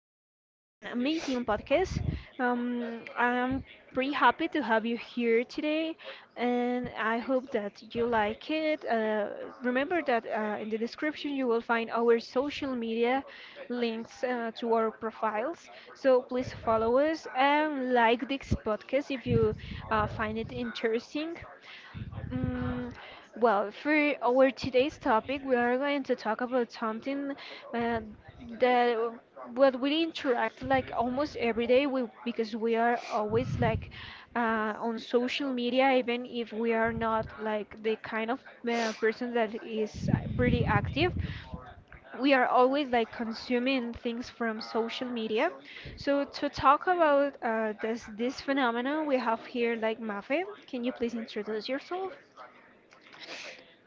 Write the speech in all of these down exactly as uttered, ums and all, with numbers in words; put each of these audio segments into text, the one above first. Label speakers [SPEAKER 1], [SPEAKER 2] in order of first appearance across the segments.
[SPEAKER 1] incredible and amazing podcast. Um, I'm pretty happy to have you here today, and I hope that you like it. Uh, remember that uh, in the description you will find our social media links uh, to our profiles. So please follow us and like this podcast if you uh, find it interesting. Mm, well, for our today's topic, we are going to talk about something uh, that what we interact like almost every day. We Because we are always like uh, on social media, even if we are not like the kind of uh, person that is uh, pretty active. We are always like consuming things from social media. So to talk about uh, this this phenomenon, we have here like Mafe. Can you please introduce yourself?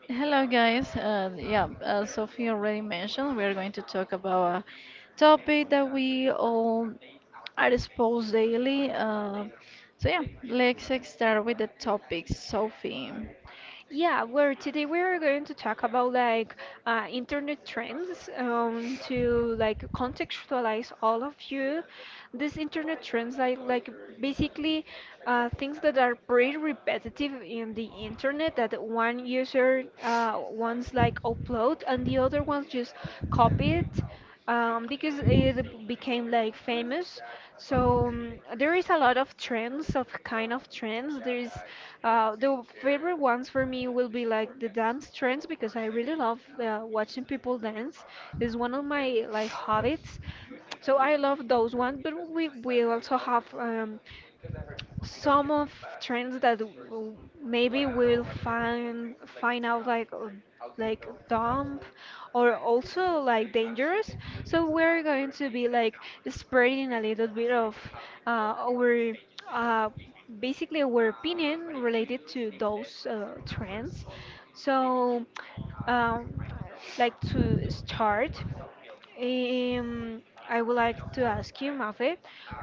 [SPEAKER 2] Hello, guys. Uh, yeah, as Sophie already mentioned, we are going to talk about a topic that we all are exposed daily. Uh, so, yeah, let's start with the topic, Sophie.
[SPEAKER 1] Yeah, where today we are going to talk about like uh, internet trends um, to like contextualize all of you. These internet trends like like basically uh, things that are pretty repetitive in the internet that one user uh, once like upload and the other ones just copy it um, because it became like famous. So um, there is a lot of trends of kind of trends. There is uh, the favorite ones for me will be like the dance trends because I really love uh, watching people dance. It's one of my like hobbies. So I love those ones, but we we also have um, some of trends that w- maybe we'll find find out like uh, like dumb or also like dangerous, so we're going to be like spreading a little bit of uh, our uh, basically our opinion related to those uh, trends. So um, like to start, um, I would like to ask you, Mafe,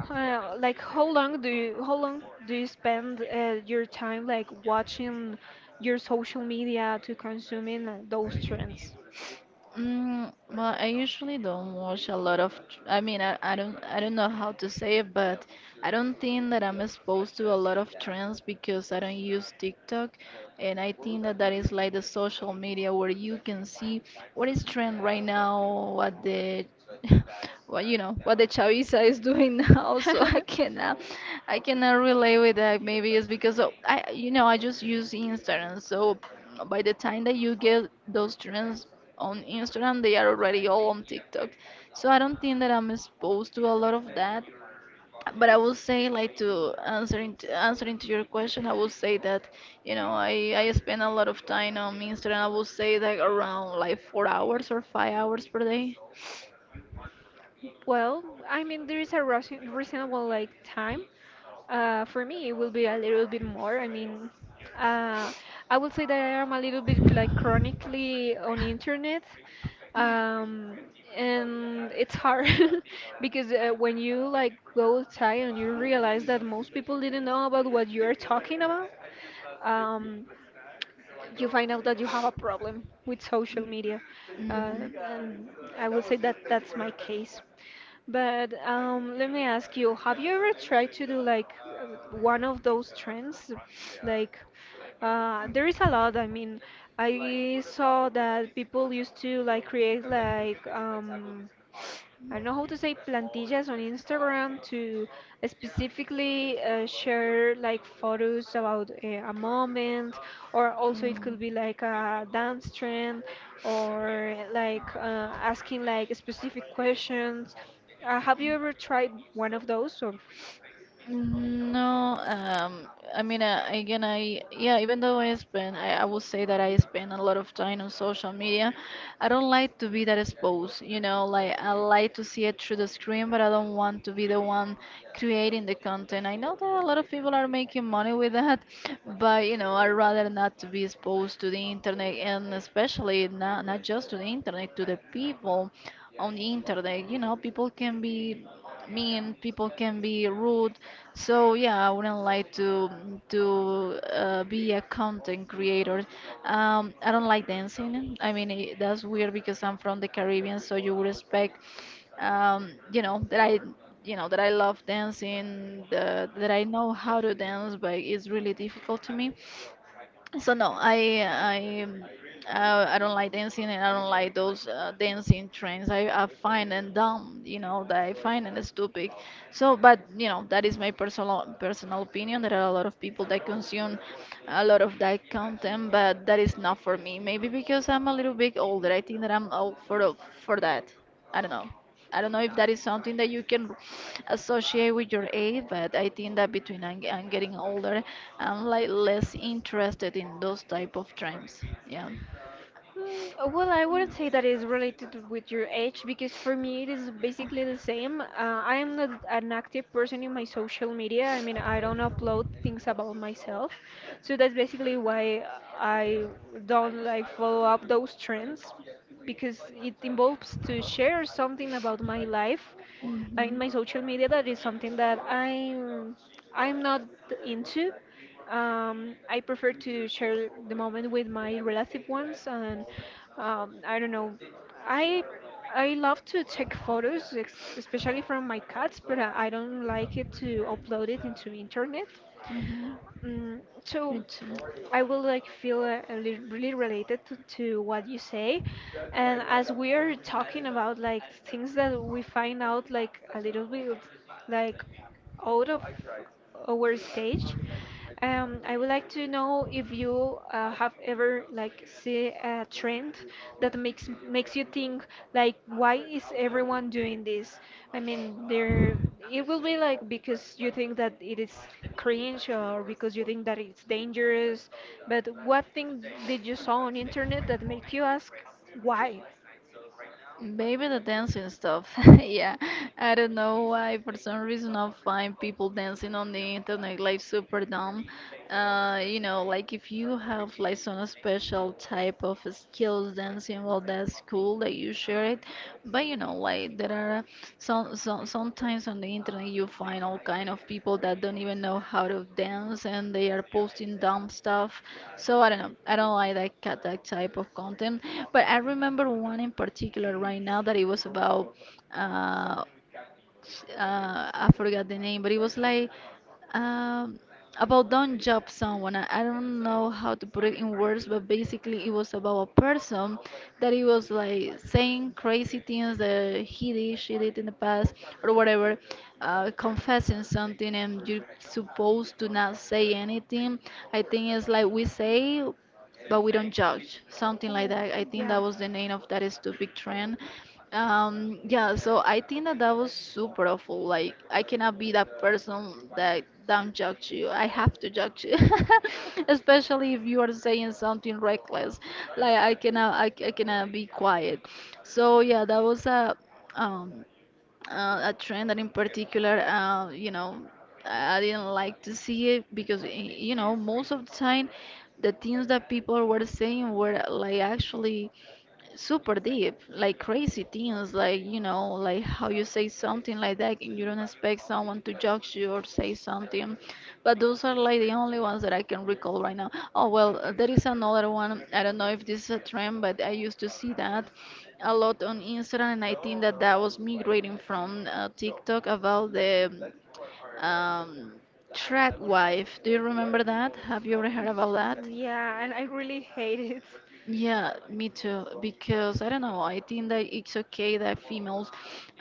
[SPEAKER 1] uh, like how long do you how long do you spend uh, your time like watching your social media to consuming uh, those trends?
[SPEAKER 2] Mm, well, I usually don't watch a lot of. tr- I mean, I, I don't I don't know how to say it, but I don't think that I'm exposed to a lot of trends because I don't use TikTok, and I think that that is like the social media where you can see what is trend right now, what the, what you know, what the chaviza is doing now. So I cannot, I cannot relate with that. Maybe it's because of, I, you know, I just use Instagram, so by the time that you get those trends on Instagram, they are already all on TikTok. So I don't think that I'm exposed to a lot of that. But I would say, like to answering to, answering to your question, I would say that you know I I spend a lot of time on Instagram. I would say like around like four hours or five hours per day.
[SPEAKER 1] Well, I mean there is a reason- reasonable like time. Uh, for me, it will be a little bit more. I mean, uh, I would say that I am a little bit like chronically on internet, um, and it's hard because uh, when you like go outside and you realize that most people didn't know about what you are talking about, um, you find out that you have a problem with social media, uh, and I would say that that's my case. But um, let me ask you, have you ever tried to do like uh, one of those trends? Like, uh, there is a lot. I mean, I saw that people used to like create like um, I don't know how to say plantillas on Instagram to specifically uh, share like photos about uh, a moment, or also it
[SPEAKER 2] Mhm.
[SPEAKER 1] could be
[SPEAKER 2] Mm.
[SPEAKER 1] like a dance trend, or like uh, asking like specific questions. Uh, have you ever tried one of those or?
[SPEAKER 2] Mm, No, um, I mean, uh, again, I yeah, even though I spend, I, I would say that I spend a lot of time on social media. I don't like to be that exposed, you know, like I like to see it through the screen, but I don't want to be the one creating the content. I know that a lot of people are making money with that, but you know, I'd rather not to be exposed to the internet, and especially not not just to the internet, to the people on the internet. You know, people can be mean, people can be rude. So yeah, I wouldn't like to to uh, be a content creator. Um, I don't like dancing. I mean, it, that's weird because I'm from the Caribbean, so you would expect, um, you know, that I, you know, that I love dancing, the, that I know how to dance, but it's really difficult to me. So no, I I um, uh, I don't like dancing, and I don't like those uh, dancing trends. I, I find them dumb, you know, that I find them stupid. So, but you know, that is my personal personal opinion. There are a lot of people that consume a lot of that content, but that is not for me. Maybe because I'm a little bit older. I think that I'm old for the- for that. I don't know. I don't know if that is something that you can associate with your age, but I think that between I'm, I'm getting older, I'm like less interested in those type of trends. Yeah.
[SPEAKER 1] Mm, uh, Well, I wouldn't say that is related with your age because for me it is basically the same. Uh, I am not an active person in my social media. I mean, I don't upload things about myself. So that's basically why I don't like follow up those trends because it involves to share something about my life uh, in my social media that is something that I'm I'm not into. Um, I prefer to share the moment with my relative ones, and um, I don't know. I I love to take photos, ex- especially from my cats, but I I don't like it to upload it into internet.
[SPEAKER 2] Mhm. Mhm.
[SPEAKER 1] Mm,
[SPEAKER 2] Me
[SPEAKER 1] so
[SPEAKER 2] too.
[SPEAKER 1] I will like feel uh, a li- really related to, to what you say, and as we are talking about like things that we find out like a little bit like out of our stage. Um, I would like to know if you uh, have ever like see a trend that makes makes you think like why is everyone doing this? I mean, there it will be like because you think that it is cringe or because you think that it's dangerous. But what thing did you saw on internet that make you ask why?
[SPEAKER 2] Maybe the dancing stuff. Yeah, I don't know why. For some reason, I find people dancing on the internet like super dumb. Uh, you know, like if you have like some special type of skills dancing, well, that's cool that you share it. But you know, like like there are some, some sometimes on the internet you find all kind of people that don't even know how to dance and they are posting dumb stuff. So I don't know. I don't like that cat that type of content. But I remember one in particular right now that it was about uh, uh, I forgot the name, but it was like um, about don't judge someone. I, I don't know how to put it in words, but basically it was about a person that he was like saying crazy things that he did, she did in the past, or whatever, uh, confessing something, and you're supposed to not say anything. I think it's like we say but we don't judge something like
[SPEAKER 1] Oh,
[SPEAKER 2] that. I think that
[SPEAKER 1] yeah.
[SPEAKER 2] was the name of that stupid trend. Um yeah, so I think that that was super awful. Like I cannot be that person that don't judge you. I have to judge you. Especially if you are saying something reckless. like i cannot i, I cannot be quiet. So yeah, that was a um uh, a trend that in particular, uh, you know, I didn't like to see it because y- You know, most of the time the things that people were saying were like actually super deep, like crazy things, like you know, like how you say something like that and you don't expect someone to judge you or say something. But those are like the only ones that I can recall right now. Oh well, uh, there is another one. I don't know if this is a trend, but I used to see that a lot on Instagram, and I think that that was migrating from uh, TikTok about the um, trad wife. Do you remember that? Have you ever heard about that?
[SPEAKER 1] Yeah, and I really hate it.
[SPEAKER 2] Yeah, me too. Because I don't know, I think that it's okay that females,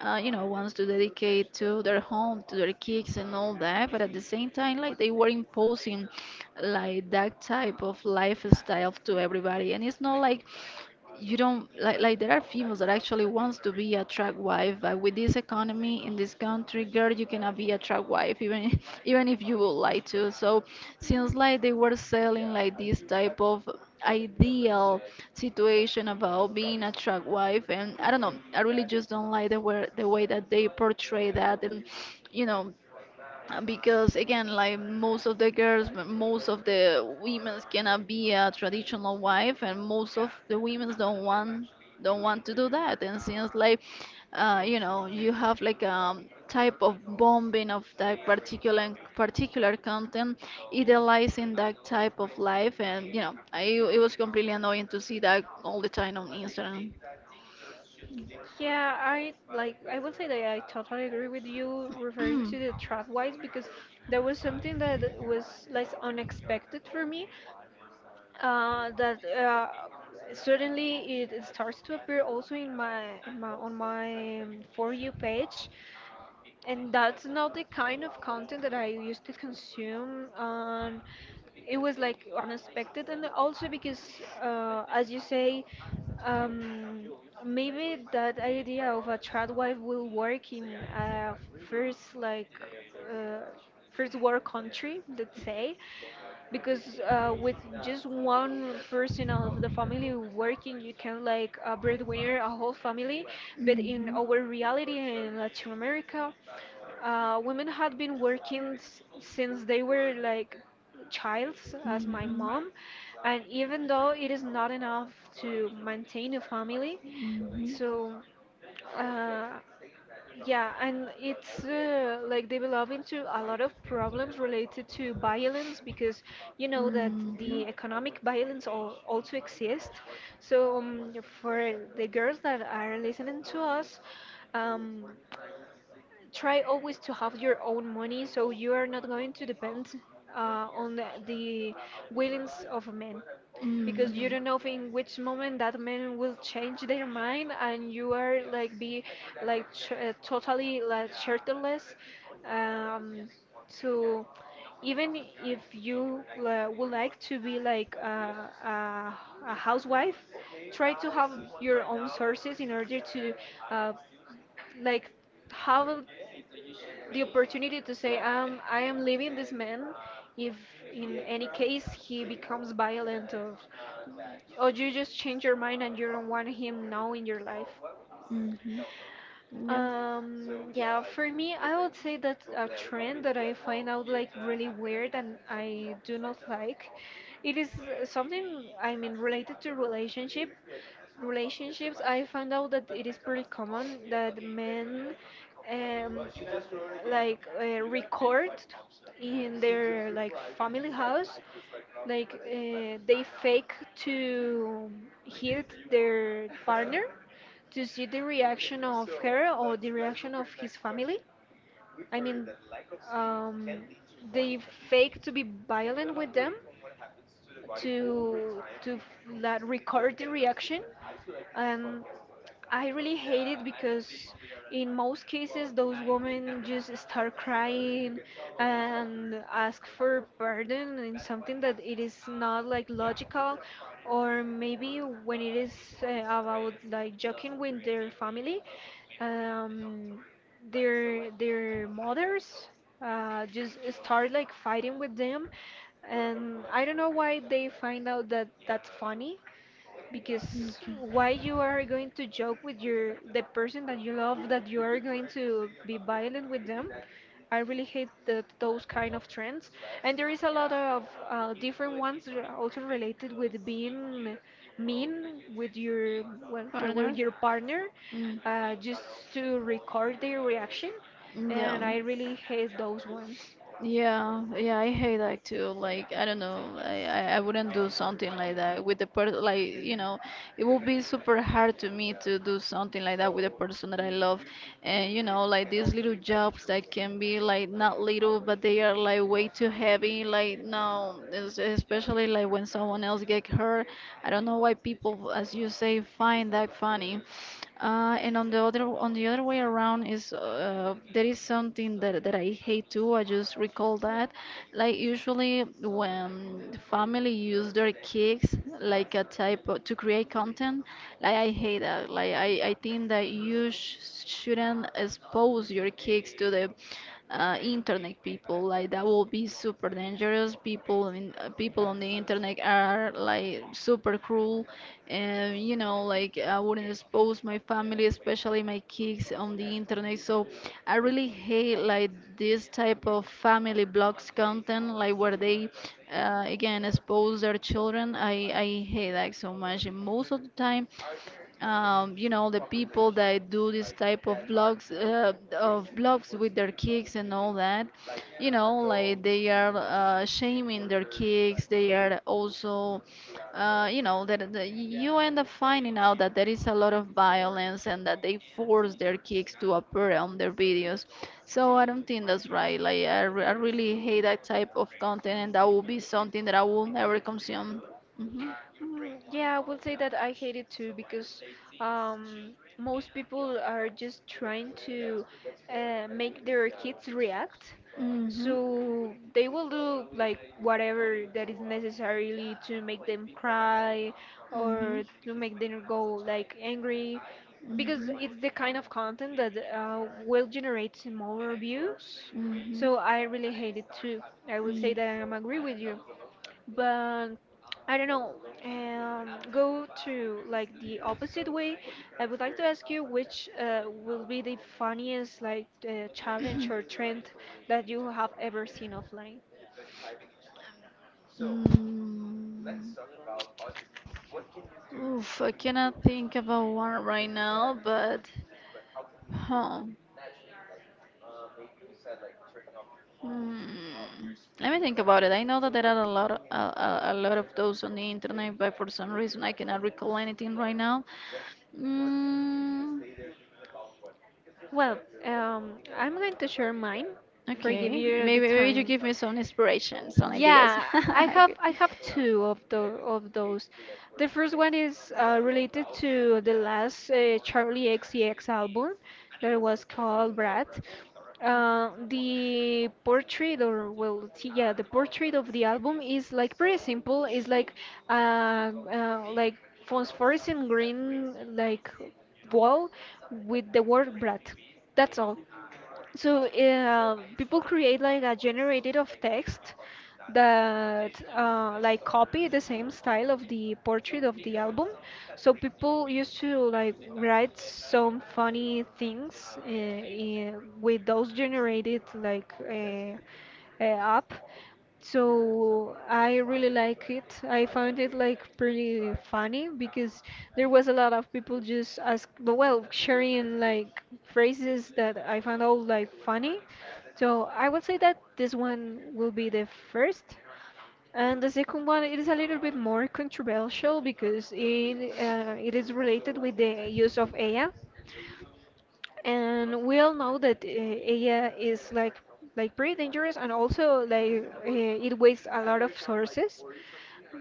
[SPEAKER 2] uh, you know, wants to dedicate to their home, to their kids and all that, but at the same time, like they were imposing like that type of lifestyle to everybody, and it's not like you don't like like there are females that actually wants to be a track wife. But with this economy in this country, girl, you cannot be a track wife, even even if you would like to. So seems like they were selling like this type of ideal situation about being a track wife, and I don't know, I really just don't like the way the way that they portray that. And you know, uh, because again, like most of the girls m- most of the women cannot be a traditional wife, and most of the women don't want don't want to do that. And since like, uh, you know, you have like a type of bombing of that particular particular content idealizing that type of life, and you know I, it was completely annoying to see that all the time on Instagram.
[SPEAKER 1] Yeah, I like I will say that I totally agree with you referring to the trap wise because there was something that was less unexpected for me uh, that uh, suddenly it, it starts to appear also in my, in my on my um, for you page, and that's not the kind of content that I used to consume, and it was like unexpected and also because uh, as you say, um, maybe that idea of a trad wife will work in a first like uh, first world country, let's say, because uh, with just one person of the family working you can like uh, breadwinner a whole family, but in our reality in Latin America, uh, women had been working s- since they were like childs, as my mom, and even though it is not enough to maintain a family,
[SPEAKER 2] Mhm.
[SPEAKER 1] so uh, yeah, and it's uh, like developed into a lot of problems related to violence because you know that the economic violence al also exists. So um, for the girls that are listening to us, um, try always to have your own money so you are not going to depend uh, on the, the willings of men because you don't
[SPEAKER 2] Mhm.
[SPEAKER 1] know in which moment that men will change their mind and you are like be like ch- uh, totally like shelterless, um, so even if you uh, would like to be like a, a, a housewife, try to have your own sources in order to uh, like have the opportunity to say, um, I am leaving this man if in any case he becomes violent, or, or you just change your mind and you don't want him now in your life.
[SPEAKER 2] Mhm.
[SPEAKER 1] Um, yeah, for me, I would say that a trend that I find out like really weird and I do not like, it is uh, something, I mean, related to relationship. Relationships, I found out that it is pretty common that men um, like uh, record in their like family house like uh, they fake to hit their partner to see the reaction of her or the reaction of his family. I mean, um, they fake to be violent with them to to f- la- record the reaction, and I really hate it because in most cases those women just start crying and ask for pardon in something that it is not like logical, or maybe when it is uh, about like joking with their family um their their mothers uh just start like fighting with them, and I don't know why they find out that that's funny, because why you are going to joke with your the person that you love that you are going to be violent with them? I really hate the, those kind of trends, and there is a lot of uh, different ones that are also related with being
[SPEAKER 2] Yep.
[SPEAKER 1] mean with your well, well, with
[SPEAKER 2] Partner?
[SPEAKER 1] your partner
[SPEAKER 2] Mm.
[SPEAKER 1] uh, just to record their reaction,
[SPEAKER 2] No.
[SPEAKER 1] and I really hate those ones.
[SPEAKER 2] Yeah, yeah, I hate that too. Like, I don't know, I, I, I wouldn't do something like that with the person, like, you know, it will be super hard to me to do something like that with a person that I love. And you know, like these little jobs that can be like not little, but they are like way too heavy. Like no, es- especially like when someone else get hurt. I don't know why people, as you say, find that funny. Uh, and on the other on the other way around is uh, there is something that, that I hate too. I just recall that. Like usually when family use their kids like a type of, to create content, like I hate that. Like I, I think that you sh shouldn't expose your kids to the uh, internet people. Like that will be super dangerous. People in uh, people on the internet are like super cruel, and you know, like I wouldn't expose my family, especially my kids on the internet. So I really hate like this type of family blogs content, like where they uh, again expose their children. I i hate that so much. And most of the time, um, you know, the people that do this type of blogs uh, of blogs with their kicks and all that, you know, like they are uh, shaming their kicks. They are also uh, you know that, that you end up finding out that there is a lot of violence, and that they force their kicks to appear on their videos. So I don't think that's right. like i, re- I really hate that type of content, and that will be something that I will never consume. hmm
[SPEAKER 1] Mm, yeah, I will say that I hate it too because um, most people are just trying to uh, make their kids react.
[SPEAKER 2] hmm hmm hmm
[SPEAKER 1] So they will do like whatever that is necessarily to make them cry or
[SPEAKER 2] Mhm.
[SPEAKER 1] to make them go like angry because
[SPEAKER 2] Mm.
[SPEAKER 1] it's the kind of content that uh, will generate more views. So I really hate it too. I would say that I am agree with you, but I don't know. Um, go to like the opposite way. I would like to ask you which uh, will be the funniest like uh, challenge or trend that you have ever seen offline.
[SPEAKER 2] Mm. Oof, I cannot think about one right now, but huh. Hmm, let me think about it. I know that there are a lot of, a, a, a lot of those on the internet, but for some reason I cannot recall anything right now. Mm,
[SPEAKER 1] Well, um, I'm going to share mine for give
[SPEAKER 2] okay,
[SPEAKER 1] you the
[SPEAKER 2] maybe maybe you
[SPEAKER 1] time.
[SPEAKER 2] give me some inspiration, some ideas.
[SPEAKER 1] Yeah, I have I have two of the of those. The first one is uh, related to the last uh, Charlie X C X album that was called Brat. Uh, the portrait or well, t- Yeah, the portrait of the album is like pretty simple. It's like uh, uh like phosphorescent green like wall with the word Brat. That's all. So uh, people create like a generated of text that uh, like copy the same style of the portrait of the album, so people used to like write some funny things uh, in, with those generated like uh, uh, app, so I really like it. I found it like pretty funny because there was a lot of people just ask, well, sharing like phrases that I found out like funny. So I would say that this one will be the first. And the second one, it is a little bit more controversial because it uh, it is related with the use of A I, and we all know that uh, A I is like like pretty dangerous and also like uh, it wastes a lot of sources,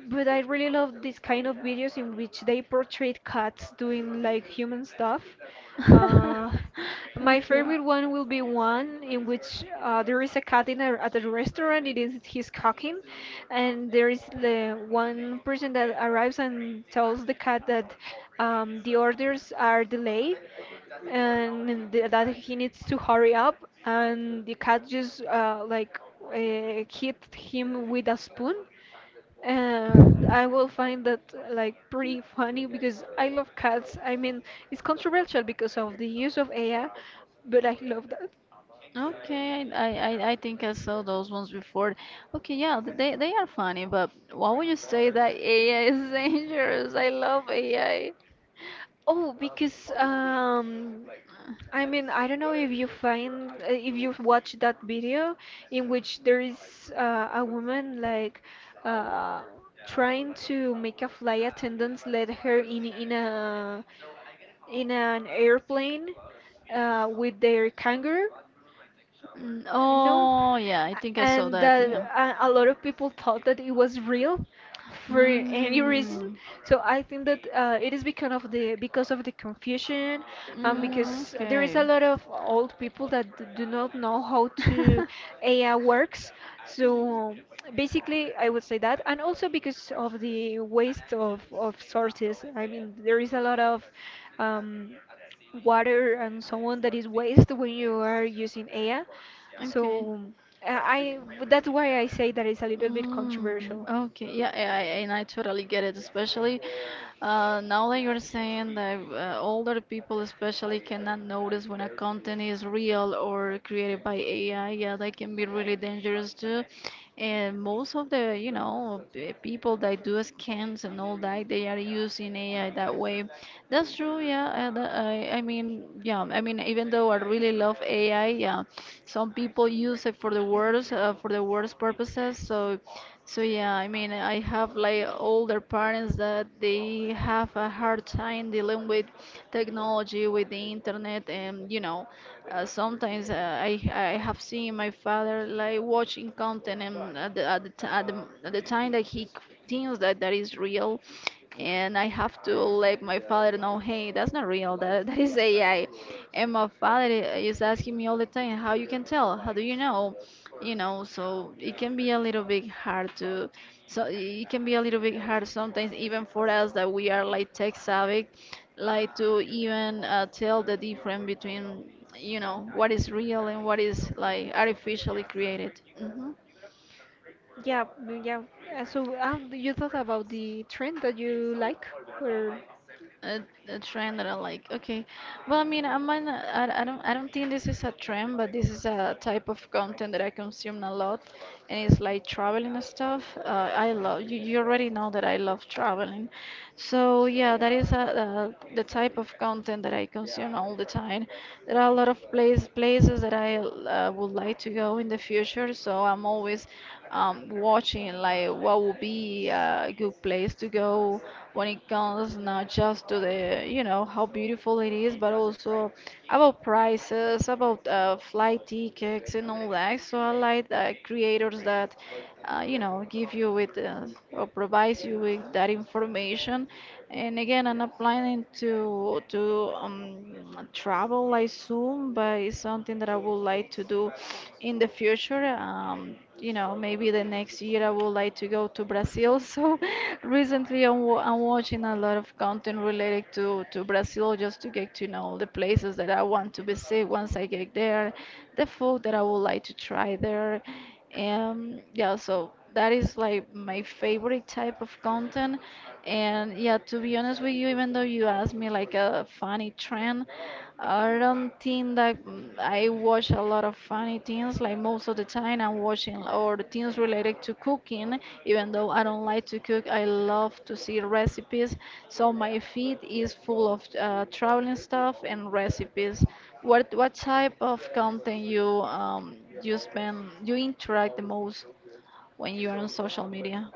[SPEAKER 1] but I really love this kind of videos in which they portray cats doing like human stuff. Uh, my
[SPEAKER 2] okay.
[SPEAKER 1] favorite one will be one in which uh, there is a cat in a, at a restaurant. It is he's cooking, and there is the one person that arrives and tells the cat that um, the orders are delayed and th- that he needs to hurry up. And the cat just uh, like uh, hit him with a spoon. uh, I will find that like pretty funny because I love cats. I mean, it's controversial because of the use of A I, but I love that.
[SPEAKER 2] Okay, I, I, I I think I saw those ones before. Okay, yeah, th- they, they are funny, but why would you say that A I is dangerous? I love A I.
[SPEAKER 1] Oh, because um, I mean, I don't know if you find uh, if you've watched that video in which there is uh, a woman like uh, trying to make a flight attendant let her in in a in an airplane uh, with their kangaroo.
[SPEAKER 2] Mm,
[SPEAKER 1] Uh, No,
[SPEAKER 2] oh, yeah, I
[SPEAKER 1] A-
[SPEAKER 2] think I saw
[SPEAKER 1] and that
[SPEAKER 2] that, yeah.
[SPEAKER 1] a a lot of people thought that it was real for any reason.
[SPEAKER 2] Mm.
[SPEAKER 1] So I think that uh, it is because of the because of the confusion, um, because
[SPEAKER 2] Mm,
[SPEAKER 1] there is
[SPEAKER 2] okay.
[SPEAKER 1] a lot of old people that d- do not know how to A I works. So basically, I would say that, and also because of the waste of of sources. I mean, there is a lot of um, water and so on that is waste when you are using A I.
[SPEAKER 2] okay.
[SPEAKER 1] So I I- that's why I say that it's a little bit
[SPEAKER 2] Mm,
[SPEAKER 1] controversial.
[SPEAKER 2] okay, yeah, I, I, and I totally get it. Especially uh, now that you're saying that uh, older people, especially, cannot notice when a content is real or created by A I. Yeah, that can be really dangerous too. And most of the, you know, the people that do scams and all that, they are using A I that way. That's true, yeah. And uh, I, I mean, yeah, I mean, Even though I really love A I, yeah, some people use it for the worst, uh, for the worst purposes. So, so yeah, I mean, I have like older parents that they have a hard time dealing with technology, with the internet, and you know, uh, sometimes uh, I, I have seen my father like watching content, and at the, at the, t- at the, at the time that he thinks that that is real, and I have to let my father know, hey, that's not real. That that is A I. And my father is asking me all the time, how you can tell? How do you know? You know, so it can be a little bit hard to, so it can be a little bit hard sometimes even for us that we are like tech savvy, like to even uh, tell the difference between you know what is real and what is like artificially created. hmm
[SPEAKER 1] Yeah, mm, yeah. Uh, So uh, you thought about the trend that you like, or?
[SPEAKER 2] a, a trend that I like. Okay, well, I mean, I might not, I, I don't I don't think this is a trend, but this is a type of content that I consume a lot, and it's like traveling and stuff. Uh, I love you. You already know that I love traveling, so yeah, that is a, uh, the type of content that I consume all the time. There are a lot of places always places that I uh, would like to go in the future, so I'm always um, watching like what would be a good place to go when it comes not just to the, you know, how beautiful it is, but also about prices, about uh, flight tickets and all that. So I like uh, creators that uh, you know, give you with uh, or provides you with that information. And again, I'm not planning to to um, travel like soon, but it's something that I would like to do in the future. Um, you know, maybe the next year I would like to go to Brazil. So recently I'm, wa- I'm watching a lot of content related to, to Brazil just to get to know the places that I want to visit once I get there, the food that I would like to try there. Um, yeah, so that is like my favorite type of content. And yeah, to be honest with you, even though you asked me like a funny trend, I don't think that mm, I watch a lot of funny things. Like most of the time, I'm watching or the things related to cooking. Even though I don't like to cook, I love to see recipes. So my feed is full of uh, traveling stuff and recipes. What what type of content you um you spend you interact the most when you are on social media?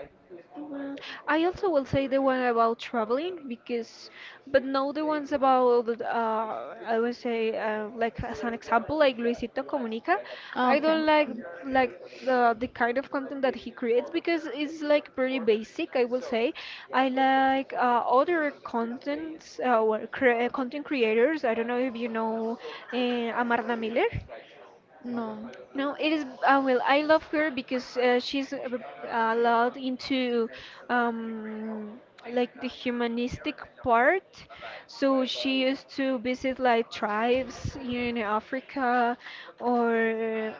[SPEAKER 1] Mhm. I also will say the one about traveling because, but no, the ones about uh, I would say uh, like as an example, like Luisito Comunica.
[SPEAKER 2] Oh,
[SPEAKER 1] I
[SPEAKER 2] okay.
[SPEAKER 1] don't like like the the kind of content that he creates because it's like pretty basic. I will say I like uh, other contents uh, or cre content creators. I don't know if you know uh, Amarna Miller.
[SPEAKER 2] Mhm. No.
[SPEAKER 1] No, it is. Uh, well, I love her because uh, she's a, b- a lot into um, like the humanistic part. So she used to visit like tribes in Africa, or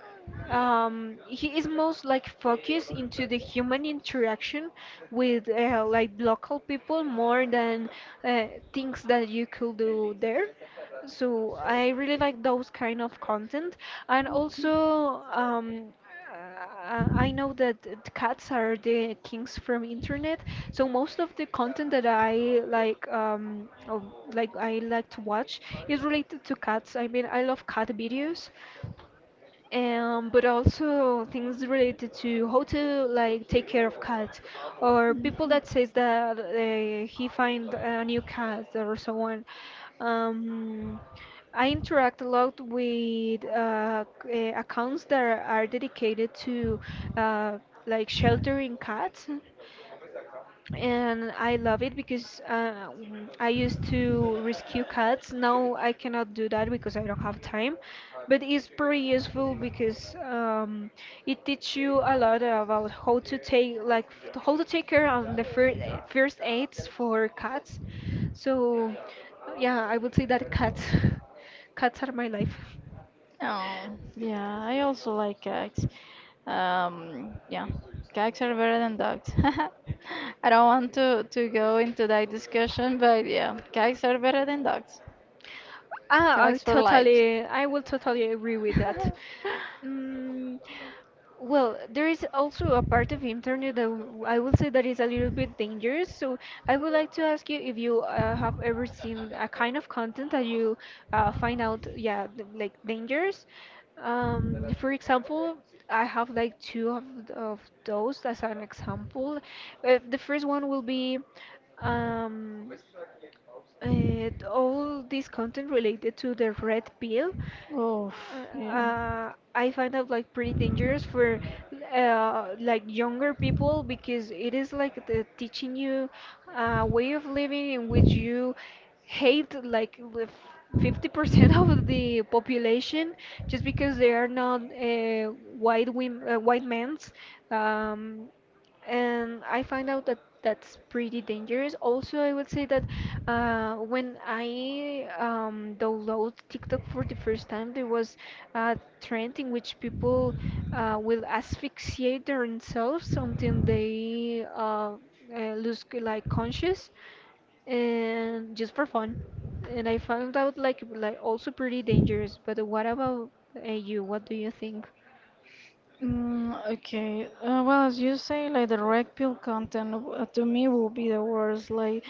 [SPEAKER 1] um, he is most like focused into the human interaction with uh, like local people more than uh, things that you could do there. So I really like those kind of content, and also um, uh, I know that the cats are the kings from internet. So most of the content that I like, um, oh, like I like to watch, is related to cats. I mean, I love cat videos, um, but also things related to how to like take care of cats, or people that says that uh, he find a new cat or so on. um, I interact a lot with uh, c- uh, accounts that are dedicated to uh, like sheltering cats, and I love it because uh, w- I used to rescue cats. Now I cannot do that because I don't have time, but it's pretty useful because um, it teaches you a lot about how to take like f- how to take care on the first first aids for cats. So yeah, I would say that cats cats are my life.
[SPEAKER 2] Oh, yeah, I also like cats. Um, yeah, cats are better than dogs. I don't want to to go into that discussion, but yeah, cats are better than dogs.
[SPEAKER 1] Ah, I
[SPEAKER 2] Cats for life.
[SPEAKER 1] totally, I will totally agree with that. Mm, well, there is also a part of internet that w- I will say that is a little bit dangerous. So I would like to ask you if you uh, have ever seen a kind of content that you uh, find out, yeah, th- like dangerous. Um, for example, I have like two of, th- of those as an example. Uh, the first one will be. Um, uh, all this content related to the red pill.
[SPEAKER 2] Oof,
[SPEAKER 1] uh,
[SPEAKER 2] yeah.
[SPEAKER 1] uh, I find out like pretty dangerous for uh, like younger people because it is like the teaching you a way of living in which you hate like the fifty percent of the population just because they are not uh, white women, uh, white men's. Um, and I find out that that's pretty dangerous. Also, I would say that uh, when I um, download TikTok for the first time, there was a trend in which people uh, will asphyxiate themselves until they uh, uh, lose c- like conscious, and just for fun. And I found out like like also pretty dangerous. But what about uh, you? What do you think?
[SPEAKER 2] Mm, okay. Uh, well, as you say, like the red pill content w- uh, to me will be the worst. Like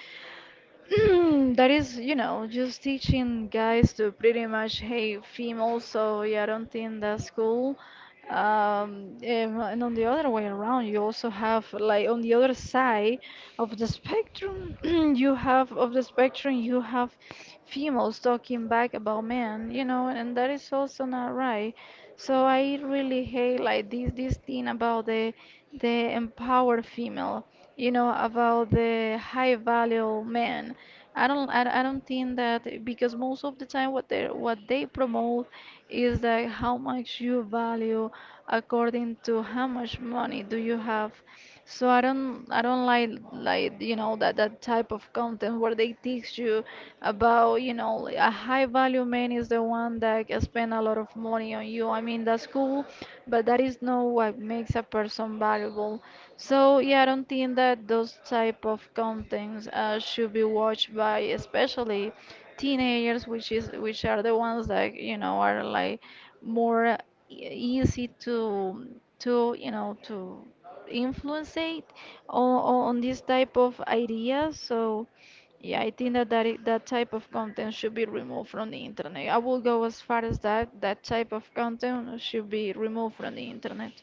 [SPEAKER 2] that is, you know, just teaching guys to pretty much hate females, so yeah, I don't think that's cool. Um, and and on the other way around, you also have, like, on the other side of the spectrum, you have, of the spectrum, you have females talking back about men, you know, and that is also not right. So I really hate, like, this, this thing about the, the empowered female, you know, about the high value men. i don't i, I don't think that, because most of the time what they what they promote is that how much you value according to how much money do you have. So i don't i don't like like you know, that that type of content where they teach you about, you know, like, a high value man is the one that can spend a lot of money on you. I mean, that's cool, but that is not what makes a person valuable. So yeah, I don't think that those type of contents uh, should be watched by, especially, teenagers, which is which are the ones that, you know, are like more e- easy to to you know to influence it on, on this type of ideas. So yeah, I think that that, i- that type of content should be removed from the internet. I will go as far as that that type of content should be removed from the internet.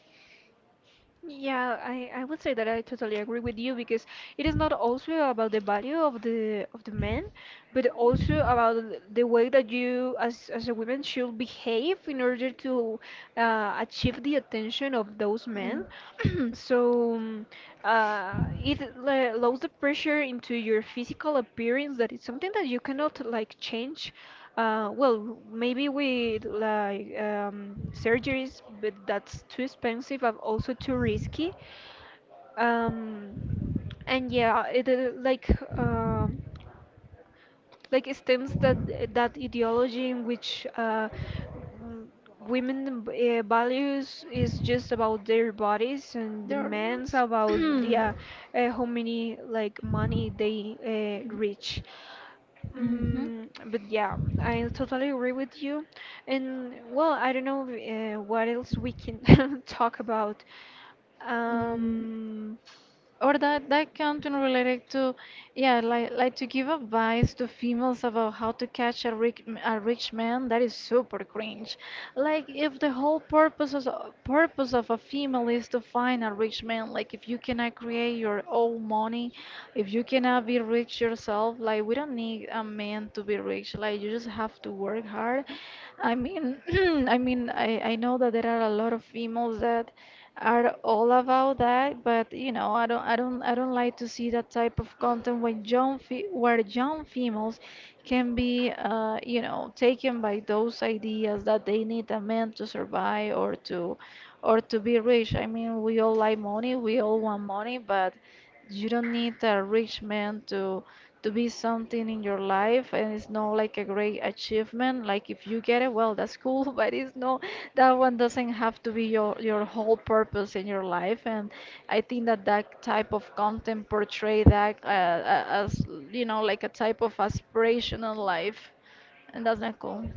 [SPEAKER 1] Yeah, I, I would say that I totally agree with you because it is not also about the value of the of the man, but also about th- the way that you as as a woman should behave in order to uh, achieve the attention of those men. So, mm, uh, it le- lows the pressure into your physical appearance that it's something that you cannot like change. Uh, well, maybe with like um, surgeries, but that's too expensive and also too risky. Um, and yeah, it uh, like um like it stems that that ideology in which uh, w- women uh, values is just about their bodies and the
[SPEAKER 2] There.
[SPEAKER 1] men's about the uh, uh, how many like money they uh, reach.
[SPEAKER 2] Mhm.
[SPEAKER 1] Mm, but yeah, I totally agree with you. And well, I don't know uh, what else we can talk about.
[SPEAKER 2] Mm,
[SPEAKER 1] Um,
[SPEAKER 2] or that that content related to, yeah, like like to give advice to females about how to catch a rich a rich man. That is super cringe. Like if the whole purpose is, purpose of a female is to find a rich man, like if you cannot create your own money, if you cannot be rich yourself, like we don't need a man to be rich. Like you just have to work hard. I mean, I mean, I, I know that there are a lot of females that are all about that, but you know, I don't, I don't, I don't like to see that type of content when young fe where young females can be, uh, you know, taken by those ideas that they need a man to survive or to, or to be rich. I mean, we all like money, we all want money, but you don't need a rich man to to be something in your life, and it's not like a great achievement. Like if you get it, well, that's cool, but it's not that one doesn't have to be your your whole purpose in your life. And I think that that type of content portray that uh, a- as you know like a type of aspirational life, and that's not cool.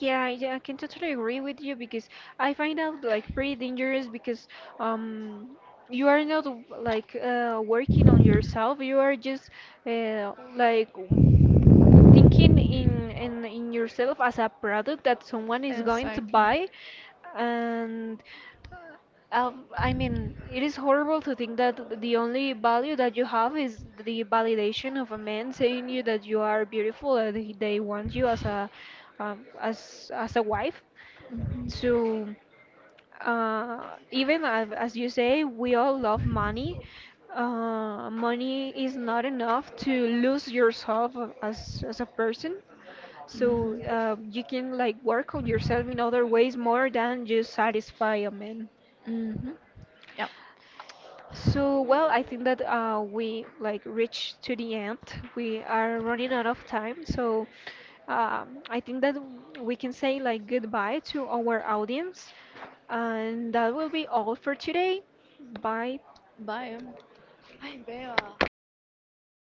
[SPEAKER 1] Yeah, yeah, I can totally agree with you because I find out like pretty dangerous because um you are not w- like uh, working on yourself. You are just uh, like w- thinking in, in in yourself as a product that someone is going to
[SPEAKER 2] Exactly.
[SPEAKER 1] buy, and um, I mean, it is horrible to think that the only value that you have is the validation of a man saying you that you are beautiful and he- they want you as a um, as as a wife. So uh, even as, as you say, we all love money. Uh, money is not enough to
[SPEAKER 2] Mhm.
[SPEAKER 1] lose yourself a- as as a person. So uh, you can like work on yourself in other ways more than just satisfy a man.
[SPEAKER 2] Mhm. Mhm. Yeah.
[SPEAKER 1] So, well, I think that uh, we like reached to the end. We are running out of time, so um, I think that we can say like goodbye to our audience, and that will be all for today. Bye.
[SPEAKER 2] Bye. Ay, Bea.